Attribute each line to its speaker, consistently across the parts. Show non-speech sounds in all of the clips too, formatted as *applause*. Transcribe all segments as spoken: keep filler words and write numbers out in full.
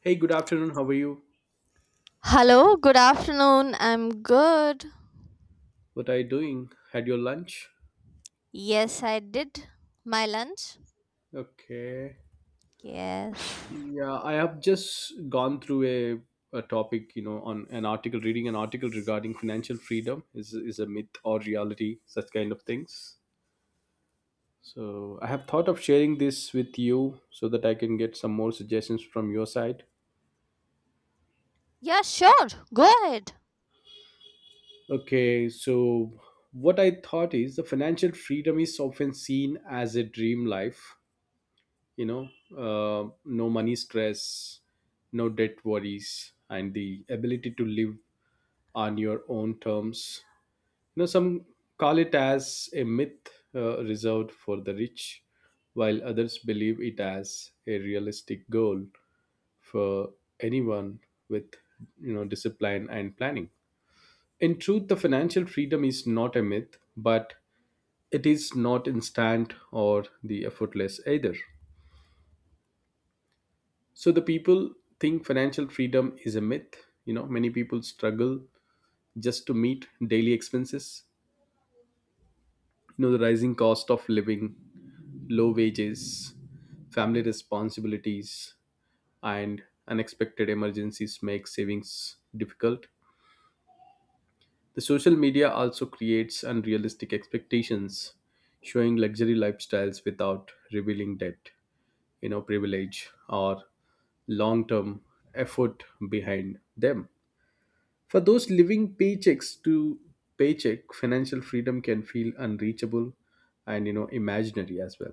Speaker 1: Hey, good afternoon. How are you?
Speaker 2: Hello, good afternoon. I'm good.
Speaker 1: What are you doing? Had your lunch?
Speaker 2: Yes, I did my lunch.
Speaker 1: Okay.
Speaker 2: Yes.
Speaker 1: Yeah, I have just gone through a, a topic, you know, on an article, reading an article regarding financial freedom is is a myth or reality, such kind of things. So I have thought of sharing this with you so that I can get some more suggestions from your side.
Speaker 2: Yeah, sure. Go ahead.
Speaker 1: Okay, so what I thought is the financial freedom is often seen as a dream life, you know uh, no money stress, no debt worries, and the ability to live on your own terms. You know some call it as a myth, uh, reserved for the rich, while others believe it as a realistic goal for anyone with, you know discipline and planning. In truth, the financial freedom is not a myth, but it is not instant or the effortless either. So the people think financial freedom is a myth. You know, many people struggle just to meet daily expenses. You know, the rising cost of living, low wages, family responsibilities, and unexpected emergencies make savings difficult. The social media also creates unrealistic expectations, showing luxury lifestyles without revealing debt, you know, privilege, or long term effort behind them. For those living paychecks to paycheck, financial freedom can feel unreachable and, you know imaginary as well.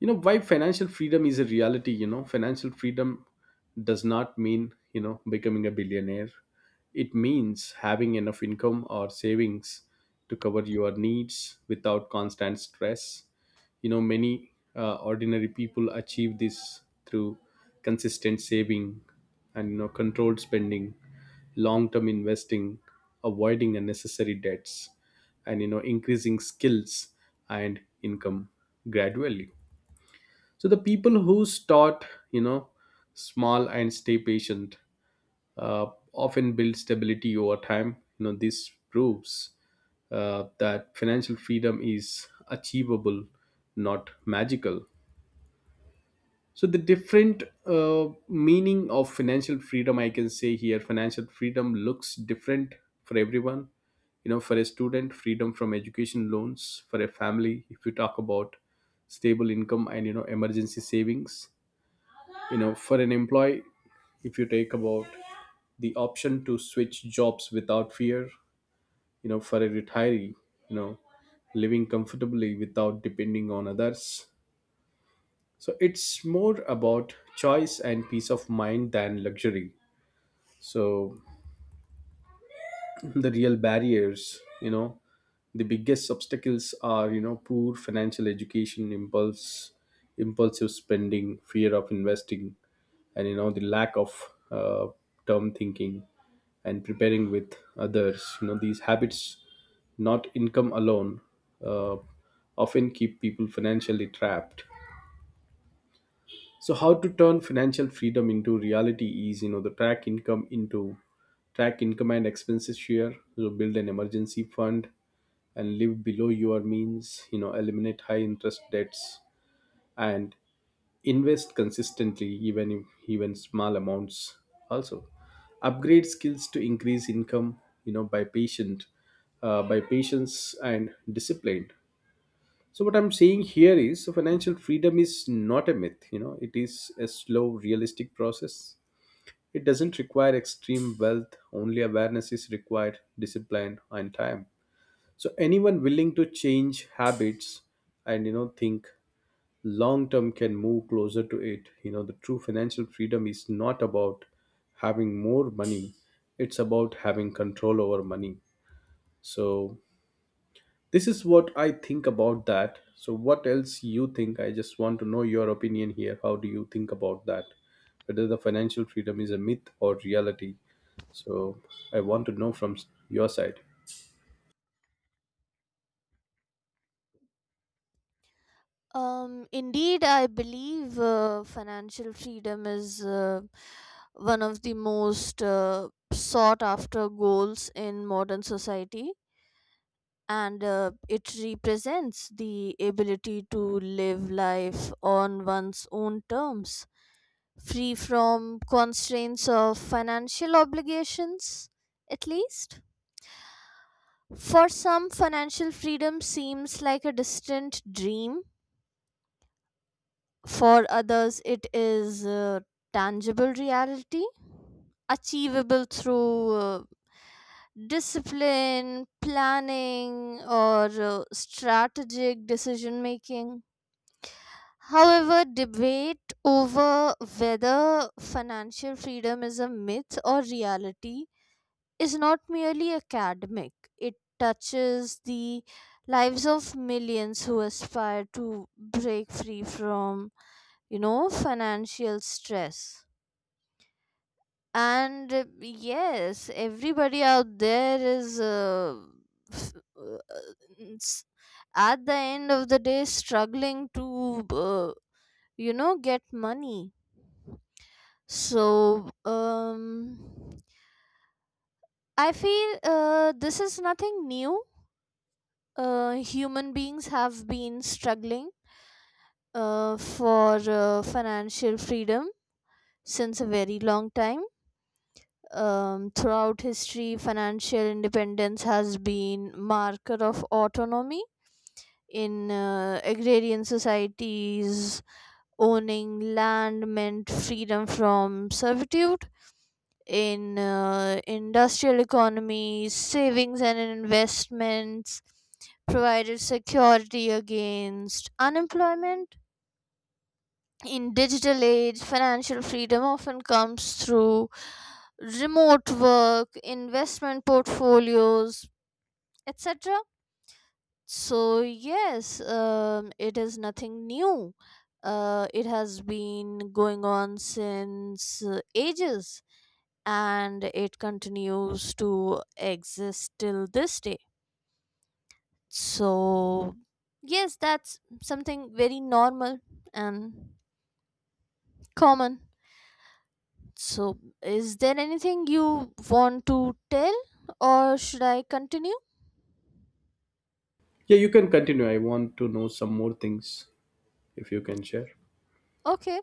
Speaker 1: you know Why financial freedom is a reality: you know financial freedom does not mean, you know becoming a billionaire. It means having enough income or savings to cover your needs without constant stress. You know, many uh, ordinary people achieve this through consistent saving, and, you know controlled spending, long term investing, avoiding unnecessary debts, and, you know increasing skills and income gradually. So the people who start, you know small and stay patient, uh, often build stability over time. You know, this proves uh, that financial freedom is achievable, not magical. So the different uh, meaning of financial freedom, I can say here, financial freedom looks different for everyone. You know, for a student, freedom from education loans; for a family, if you talk about, stable income and, you know emergency savings; you know for an employee, if you take about the option to switch jobs without fear; you know for a retiree, you know living comfortably without depending on others. So it's more about choice and peace of mind than luxury. So the real barriers, you know the biggest obstacles are, you know poor financial education, impulse impulsive spending, fear of investing, and, you know the lack of uh, term thinking and preparing with others. You know, these habits, not income alone, uh, often keep people financially trapped. So how to turn financial freedom into reality is, you know the track income into track income and expenses share. So build an emergency fund and live below your means. You know, eliminate high interest debts and invest consistently, even if, even small amounts. Also, upgrade skills to increase income. You know by patient uh, by patience and discipline. So what I'm saying here is, so financial freedom is not a myth, you know, it is a slow, realistic process. It doesn't require extreme wealth, only awareness is required, discipline and time. So anyone willing to change habits and, you know think long term can move closer to it. You know, the true financial freedom is not about having more money, it's about having control over money. So this is what I think about that. So what else you think? I just want to know your opinion here. How do you think about that, whether the financial freedom is a myth or reality? So I want to know from s- your side.
Speaker 2: Um, indeed, I believe uh, financial freedom is uh, one of the most uh, sought after goals in modern society, and uh, it represents the ability to live life on one's own terms, free from constraints of financial obligations, at least. For some, financial freedom seems like a distant dream. For others, it is a tangible reality, achievable through uh, discipline, planning, or uh, strategic decision making. However, debate over whether financial freedom is a myth or reality is not merely academic. It touches the lives of millions who aspire to break free from, you know, financial stress. And uh, yes, everybody out there is. Uh, f- uh, s- at the end of the day struggling to, uh, you know, get money. So um I feel uh, this is nothing new. Uh, human beings have been struggling uh, for uh, financial freedom since a very long time. Um, throughout history, financial independence has been marker of autonomy. In uh, agrarian societies, owning land meant freedom from servitude. In uh, industrial economy, savings and investments provided security against unemployment. In digital age, financial freedom often comes through remote work, investment portfolios, e t c. So, yes, um, it is nothing new. Uh, it has been going on since uh, ages, and it continues to exist till this day. So, yes, that's something very normal and common. So, is there anything you want to tell, or should I continue?
Speaker 1: Yeah, you can continue. I want to know some more things, if you can share.
Speaker 2: Okay.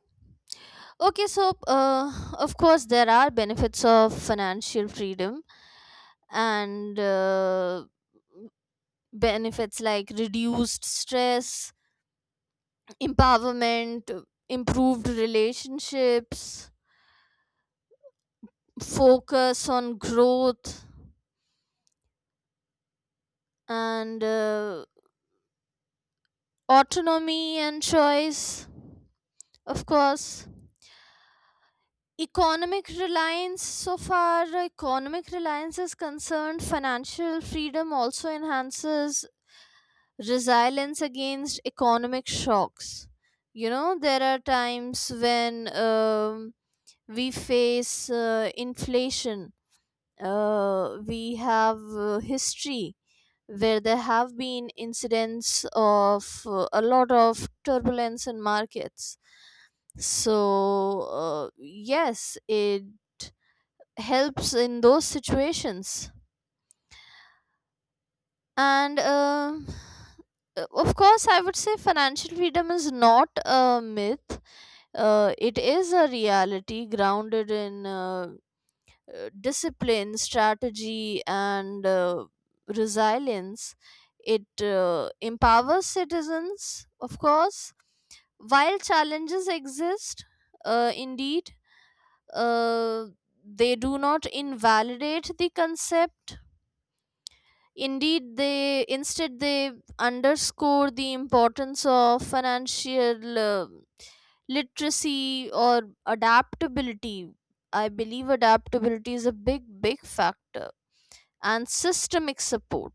Speaker 2: Okay, so uh, of course, there are benefits of financial freedom and uh, benefits like reduced stress, empowerment, improved relationships, focus on growth, and uh, autonomy and choice. Of course, economic reliance, so far, economic reliance is concerned, financial freedom also enhances resilience against economic shocks. You know, there are times when um, we face uh, inflation. Uh, we have uh, history where there have been incidents of uh, a lot of turbulence in markets. So uh, yes, it helps in those situations. And um uh, of course, I would say financial freedom is not a myth. Uh, it is a reality grounded in uh, uh, discipline, strategy, and uh, resilience. It uh, empowers citizens, of course. While challenges exist, uh, indeed, uh, they do not invalidate the concept. Indeed, they instead they underscore the importance of financial uh, literacy or adaptability. I believe adaptability is a big, big factor, and systemic support.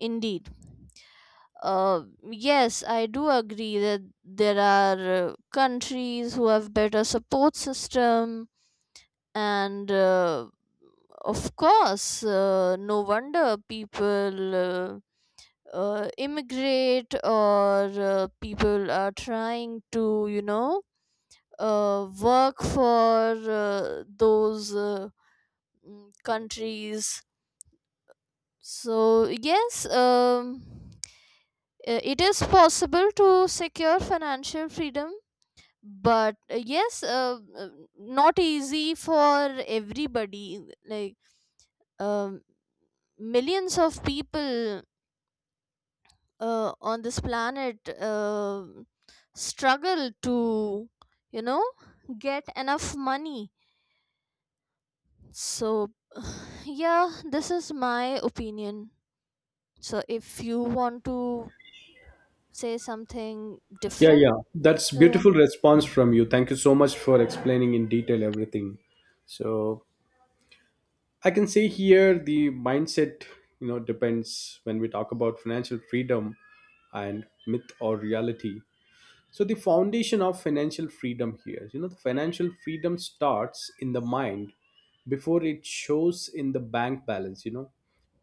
Speaker 2: Indeed. Uh, yes, I do agree that there are uh, countries who have better support system, and uh, of course, uh, no wonder people uh, uh, immigrate, or uh, people are trying to, you know, uh, work for uh, those, uh, mm, countries. So yes, um, Uh, it is possible to secure financial freedom, but uh, yes, uh, uh, not easy for everybody. Like um, millions of people uh, on this planet uh, struggle to, you know, get enough money. So, yeah, this is my opinion. So, if you want to say something
Speaker 1: Yeah,
Speaker 2: different,
Speaker 1: yeah, that's
Speaker 2: so.
Speaker 1: beautiful response from you. Thank you so much for explaining in detail everything. So I can say here, the mindset, you know, depends when we talk about financial freedom and myth or reality. So the foundation of financial freedom here, you know, the financial freedom starts in the mind before it shows in the bank balance, you know.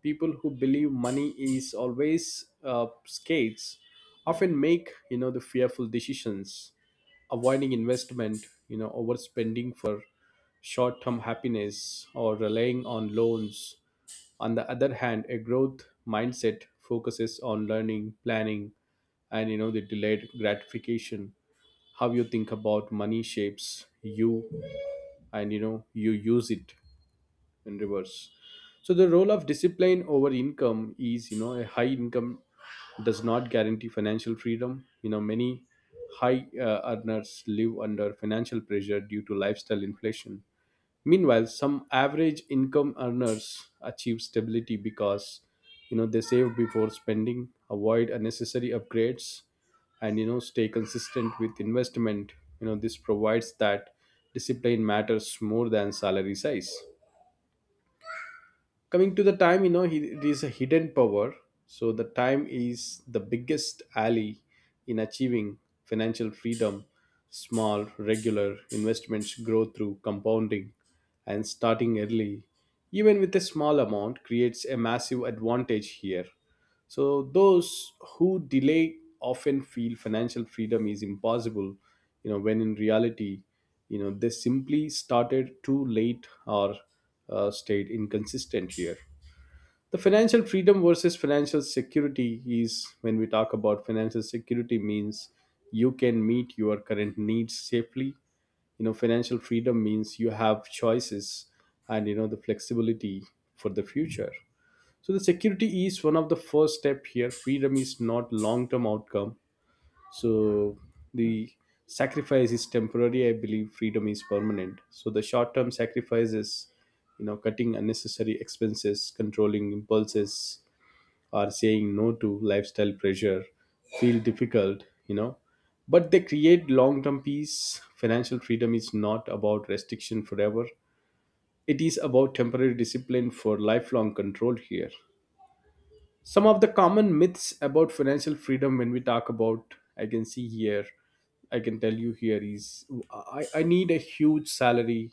Speaker 1: People who believe money is always uh, scarce, often make, you know, the fearful decisions, avoiding investment, you know, overspending for short-term happiness, or relying on loans. On the other hand, a growth mindset focuses on learning, planning, and, you know the delayed gratification. How you think about money shapes you, and, you know you use it in reverse. So the role of discipline over income is, you know, a high income does not guarantee financial freedom. You know, many high uh, earners live under financial pressure due to lifestyle inflation. Meanwhile, some average income earners achieve stability because, you know, they save before spending, avoid unnecessary upgrades, and, you know stay consistent with investment. You know, this provides that discipline matters more than salary size. Coming to the time, you know, he, it is a hidden power. So the time is the biggest ally in achieving financial freedom. Small regular investments grow through compounding, and starting early, even with a small amount, creates a massive advantage here. So those who delay often feel financial freedom is impossible, you know, when in reality, you know, they simply started too late or uh, stayed inconsistent here. The financial freedom versus financial security is, when we talk about financial security, means you can meet your current needs safely. You know, financial freedom means you have choices and, you know the flexibility for the future. So the security is one of the first step here. Freedom is not long term outcome. So the sacrifice is temporary. I believe freedom is permanent. So the short term sacrifice is, you know, cutting unnecessary expenses, controlling impulses, or saying no to lifestyle pressure, feel difficult, you know. But they create long term peace. Financial freedom is not about restriction forever. It is about temporary discipline for lifelong control here. Some of the common myths about financial freedom, when we talk about, I can see here, I can tell you here is, I, I need a huge salary,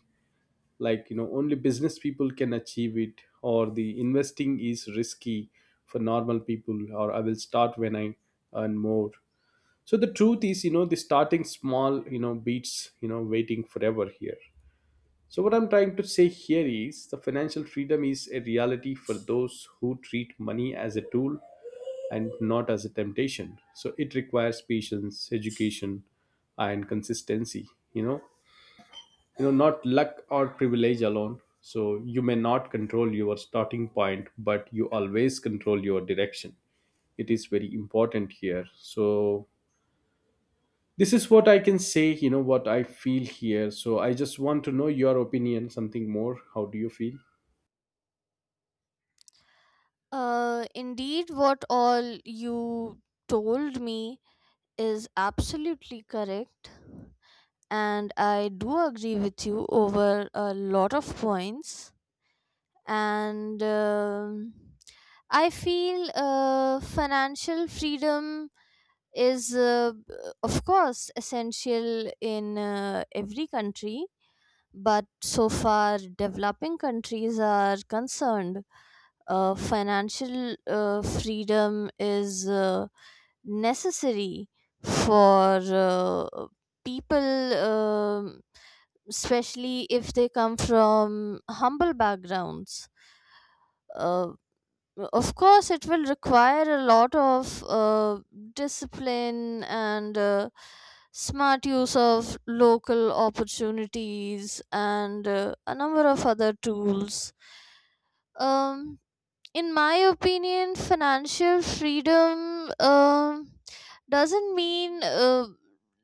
Speaker 1: like, you know, only business people can achieve it, or the investing is risky for normal people, or I will start when I earn more. So the truth is, you know, the starting small, you know, beats, you know, waiting forever here. So what I'm trying to say here is the financial freedom is a reality for those who treat money as a tool and not as a temptation. So it requires patience, education, and consistency. You know, you know, not luck or privilege alone. So you may not control your starting point, but you always control your direction. It is very important here. So this is what I can say. You know what I feel here. So I just want to know your opinion. Something more. How do you feel?
Speaker 2: Uh, indeed, what all you told me is absolutely correct, and I do agree with you over a lot of points. And um I feel uh, financial freedom is, uh, of course, essential in uh, every country, but so far, developing countries are concerned, uh, financial uh, freedom is uh, necessary for uh, people, um especially if they come from humble backgrounds. Uh, of course, it will require a lot of uh, discipline and uh, smart use of local opportunities and uh, a number of other tools. Um, in my opinion, financial freedom um, doesn't mean uh,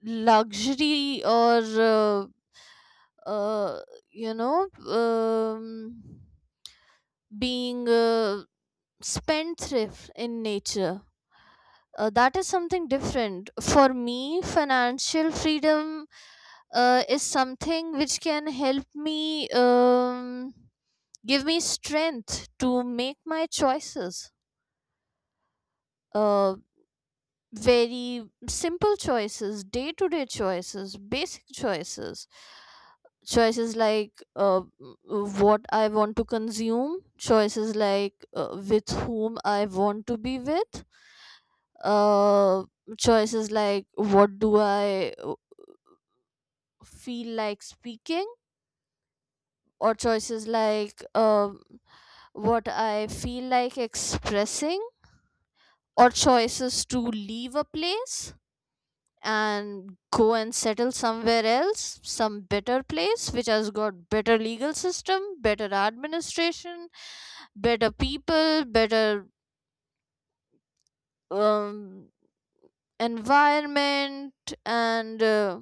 Speaker 2: luxury or uh, uh, you know, um, being uh, spendthrift in nature. Uh, that is something different for me. Financial freedom uh, is something which can help me, um, give me strength to make my choices, uh, very simple choices, day to day choices, basic choices, choices like uh, w- what I want to consume, choices like uh, with whom I want to be with, uh, choices like what do I uh, feel like speaking, or choices like um what I feel like expressing, or choices to leave a place and go and settle somewhere else, some better place which has got better legal system, better administration, better people, better um, environment, and uh,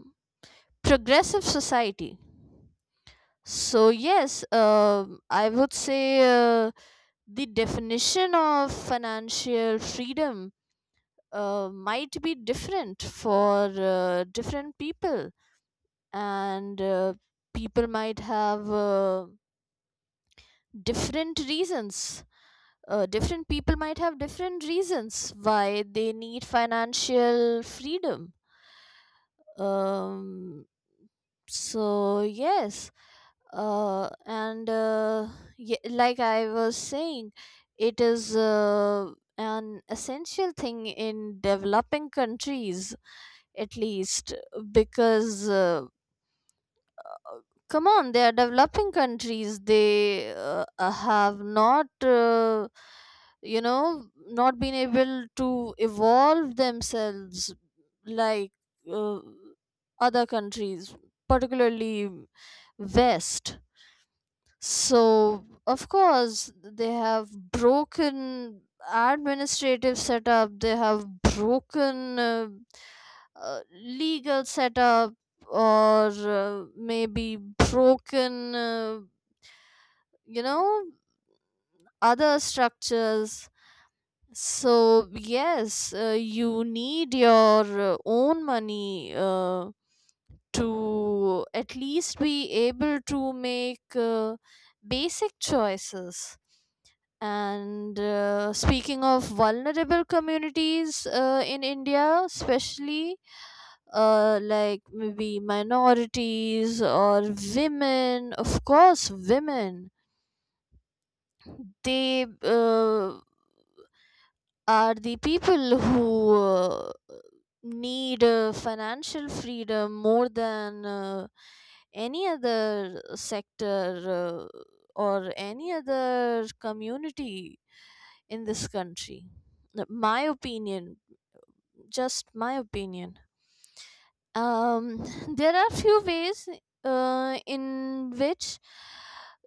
Speaker 2: progressive society. So yes, um I would say uh, the definition of financial freedom uh, might be different for uh, different people, and uh, people might have uh, different reasons. Uh, different people might have different reasons why they need financial freedom. um so yes, uh and uh, ye like I was saying, it is uh, an essential thing in developing countries, at least, because uh, come on, they are developing countries. They uh, uh, have not, uh, you know, not been able to evolve themselves like uh, other countries, particularly west. So, of course, they have broken administrative setup, they have broken uh, uh, legal setup, or uh, maybe broken, uh, you know, other structures. So, yes, uh, you need your uh, own money uh, to at least be able to make uh, basic choices. And uh, speaking of vulnerable communities uh, in India, especially uh, like maybe minorities or women, of course, women, they uh, are the people who uh, need uh, financial freedom more than uh, any other sector uh, or any other community in this country. My opinion, just my opinion. Um, *laughs* there are few ways uh, in which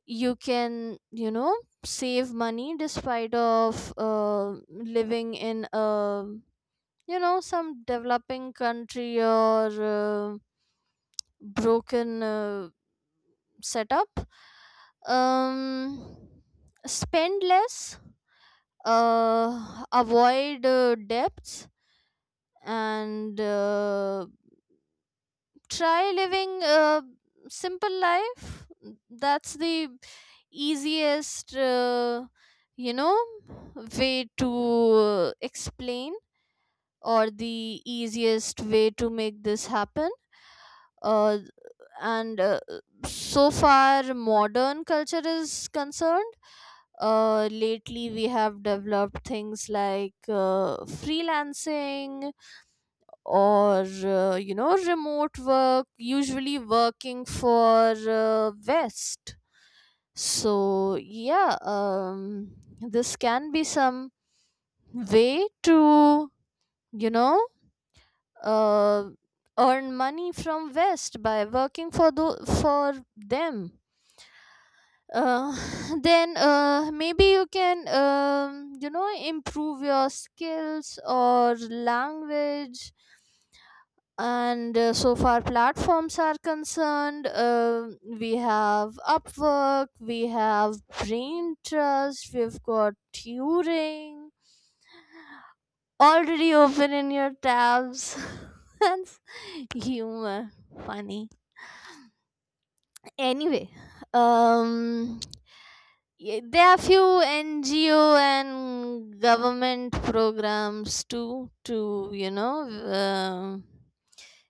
Speaker 2: you can, you know, save money despite of uh, living in a, you know, some developing country or uh, broken uh, setup. Um, Spend less, uh, avoid uh, debts, and uh, try living a simple life. That's the easiest uh, you know, way to uh, explain, or the easiest way to make this happen. Uh, and uh, So far modern culture is concerned, uh, lately we have developed things like uh, freelancing or uh, you know, remote work, usually working for uh, west. So yeah, um, this can be some way to, you know, uh, earn money from west by working for the for them. uh, *laughs* *sighs* then uh, maybe you can, um, you know, improve your skills or language. And uh, so far platforms are concerned, uh, we have Upwork, we have Brain Trust, we've got Turing already open in your tabs. *laughs* That's humor. Funny. Anyway, um yeah, there are few N G O and government programs too to, you know, um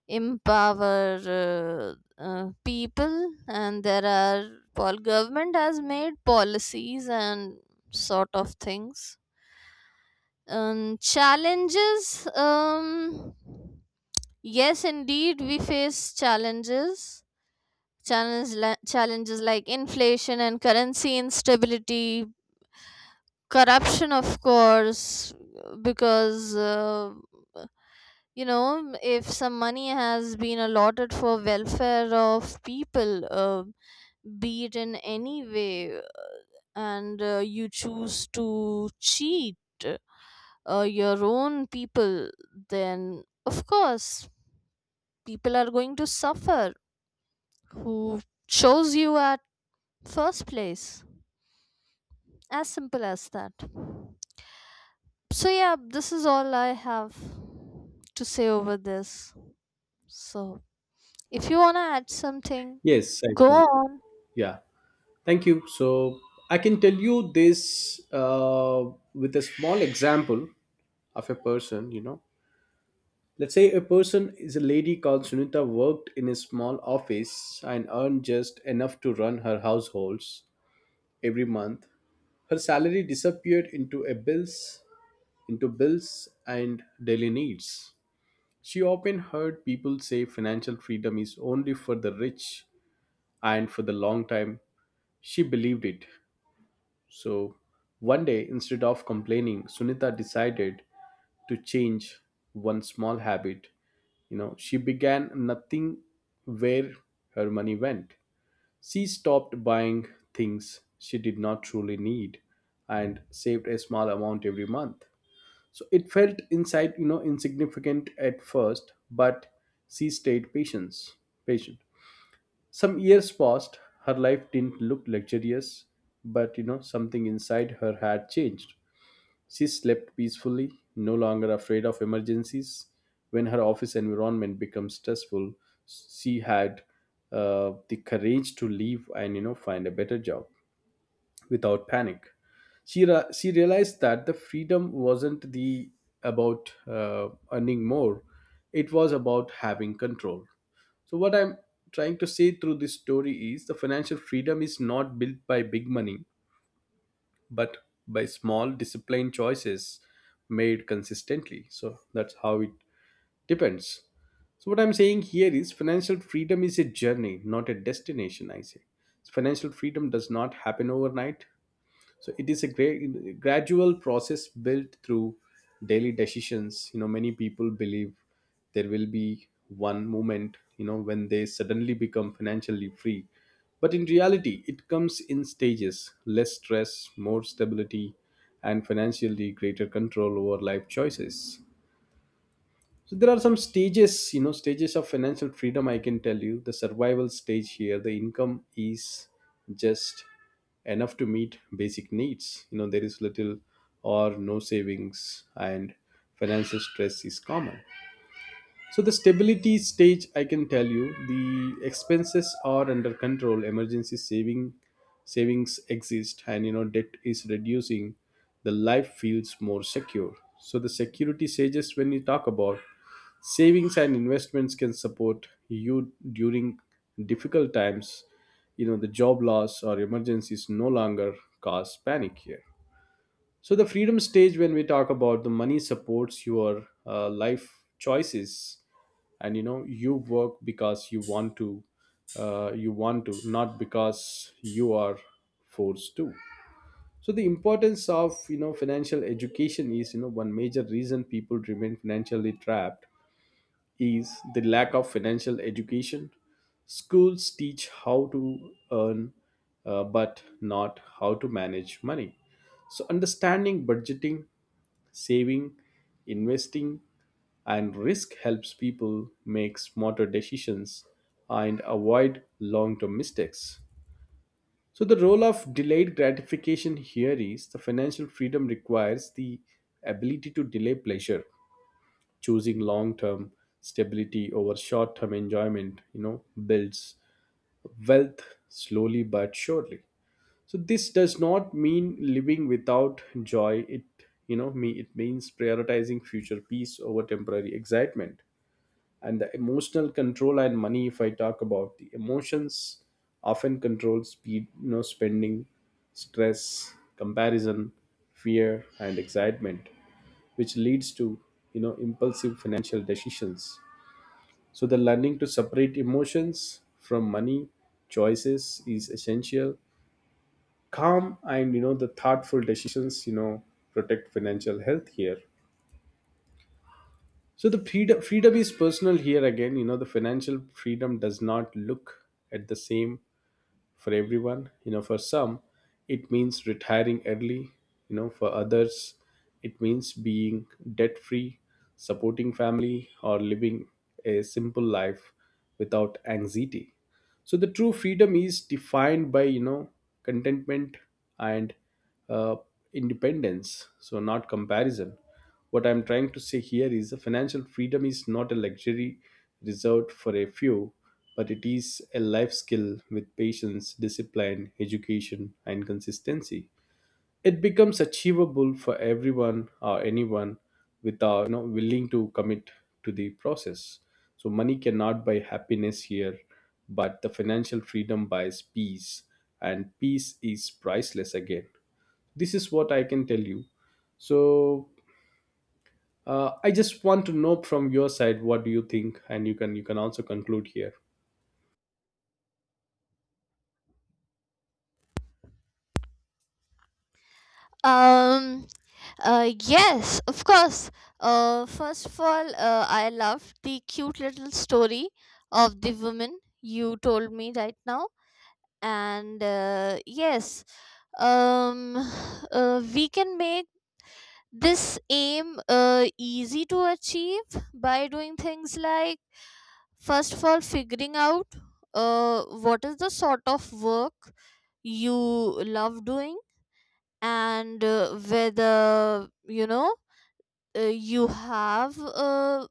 Speaker 2: empower uh, uh, people, and there are pol government has made policies and sort of things. Um, Challenges. Um, yes, indeed, we face challenges. Challenges, li- challenges like inflation and currency instability, corruption of course, because uh, you know, if some money has been allotted for welfare of people, uh, be it in any way, and uh, you choose to cheat uh, your own people, then of course people are going to suffer who chose you at first place. As simple as that. So, yeah, this is all I have to say over this. So, if you want to add something,
Speaker 1: Yes, I
Speaker 2: go
Speaker 1: can.
Speaker 2: on.
Speaker 1: Yeah. Thank you. So I can tell you this uh, with a small example of a person, you know. Let's say a person is a lady called Sunita, worked in a small office and earned just enough to run her households every month. Her salary disappeared into a bills, into bills and daily needs. She often heard people say financial freedom is only for the rich, and for the long time she believed it. So one day, instead of complaining, Sunita decided to change one small habit. You know, she began nothing where her money went. She stopped buying things she did not truly need and saved a small amount every month. So it felt inside, you know, insignificant at first, but she stayed patience, patient. Some years passed. Her life didn't look luxurious, but, you know, something inside her had changed. She slept peacefully, no longer afraid of emergencies. When her office environment became stressful, she had uh, the courage to leave and, you know, find a better job without panic. She, ra- she realized that the freedom wasn't the about uh, earning more; it was about having control. So what I'm trying to say through this story is the financial freedom is not built by big money, but by small disciplined choices made consistently. So that's how it depends. So what I'm saying here is financial freedom is a journey, not a destination, I say. So financial freedom does not happen overnight. So it is a great gradual process built through daily decisions. You know, many people believe there will be one moment, you know, when they suddenly become financially free, but in reality it comes in stages: less stress, more stability, and financially greater control over life choices. So there are some stages, you know, stages of financial freedom. I can tell you the survival stage here. The income is just enough to meet basic needs. You know, there is little or no savings, and financial stress is common. So the stability stage, I can tell you, the expenses are under control. Emergency saving savings exist, and, you know, debt is reducing. The life feels more secure. So the security stages, when you talk about, savings and investments can support you during difficult times. You know, the job loss or emergencies no longer cause panic here. So the freedom stage, when we talk about, the money supports your uh, life choices, and, you know, you work because you want to, uh, you want to not because you are forced to. So the importance of, you know, financial education is, you know, one major reason people remain financially trapped is the lack of financial education. Schools teach how to earn, uh, but not how to manage money. So understanding budgeting, saving, investing, and risk helps people make smarter decisions and avoid long term mistakes. So the role of delayed gratification here is the financial freedom requires the ability to delay pleasure. Choosing long term stability over short term enjoyment, you know, builds wealth slowly but surely. So this does not mean living without joy, it, you know me it means prioritizing future peace over temporary excitement. And the emotional control and money, if I talk about, the emotions often control speed, you know, spending stress, comparison, fear, and excitement, which leads to, you know, impulsive financial decisions. So the learning to separate emotions from money choices is essential. Calm and, you know the thoughtful decisions, you know protect financial health here. So the freedom, freedom is personal here again. You know, the financial freedom does not look at the same for everyone. You know, for some, it means retiring early. You know, for others, it means being debt free, supporting family, or living a simple life without anxiety. So the true freedom is defined by, you know contentment and uh, independence, so not comparison. What I'm trying to say here is the financial freedom is not a luxury reserved for a few, but it is a life skill. With patience, discipline, education, and consistency, it becomes achievable for everyone or anyone with, uh, you know willing to commit to the process. So money cannot buy happiness here, but the financial freedom buys peace, and peace is priceless. Again, this is what I can tell you. So uh, I just want to know from your side, what do you think? And you can, you can also conclude here.
Speaker 2: Um, uh, yes, of course. Uh, first of all, uh, I love the cute little story of the woman you told me right now. And uh, yes, um, *sighs* uh, we can make this aim uh, easy to achieve by doing things like first of all figuring out uh, what is the sort of work you love doing, and uh, whether you know, uh, you have a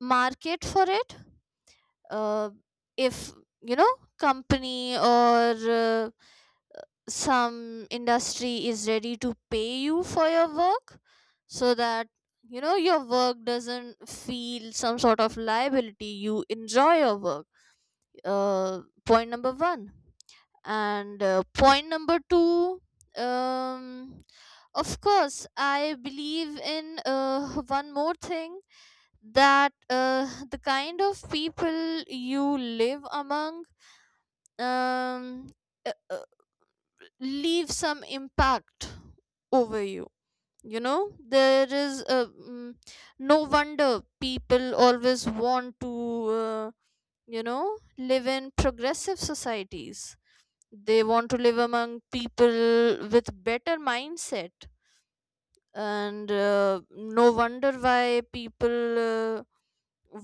Speaker 2: market for it, uh, if you know, company or uh, some industry is ready to pay you for your work, so that you know your work doesn't feel some sort of liability, you enjoy your work. Uh, point number one. And uh, point number two, um of course I believe in uh, one more thing, that uh, the kind of people you live among um uh, leave some impact over you. You know, there is a mm, no wonder people always want to uh, you know, live in progressive societies. They want to live among people with better mindset. And uh, no wonder why people uh,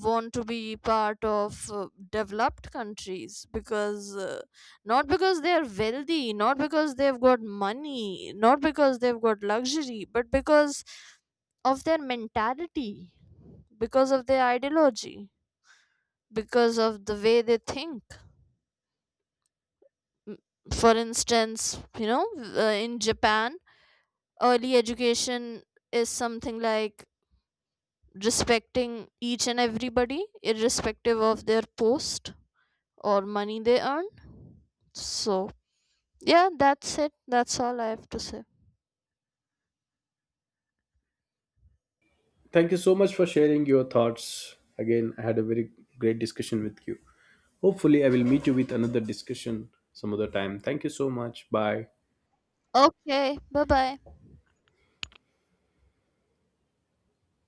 Speaker 2: want to be part of uh, developed countries, because uh, not because they are wealthy, not because they've got money, not because they've got luxury, but because of their mentality, because of their ideology, because of the way they think. M- for instance, you know, uh, in Japan, early education is something like respecting each and everybody irrespective of their post or money they earn. So, yeah, that's it. That's all I have to say.
Speaker 1: Thank you so much for sharing your thoughts. Again, I had a very great discussion with you. Hopefully I will meet you with another discussion some other time. Thank you so much. Bye.
Speaker 2: Okay, bye bye.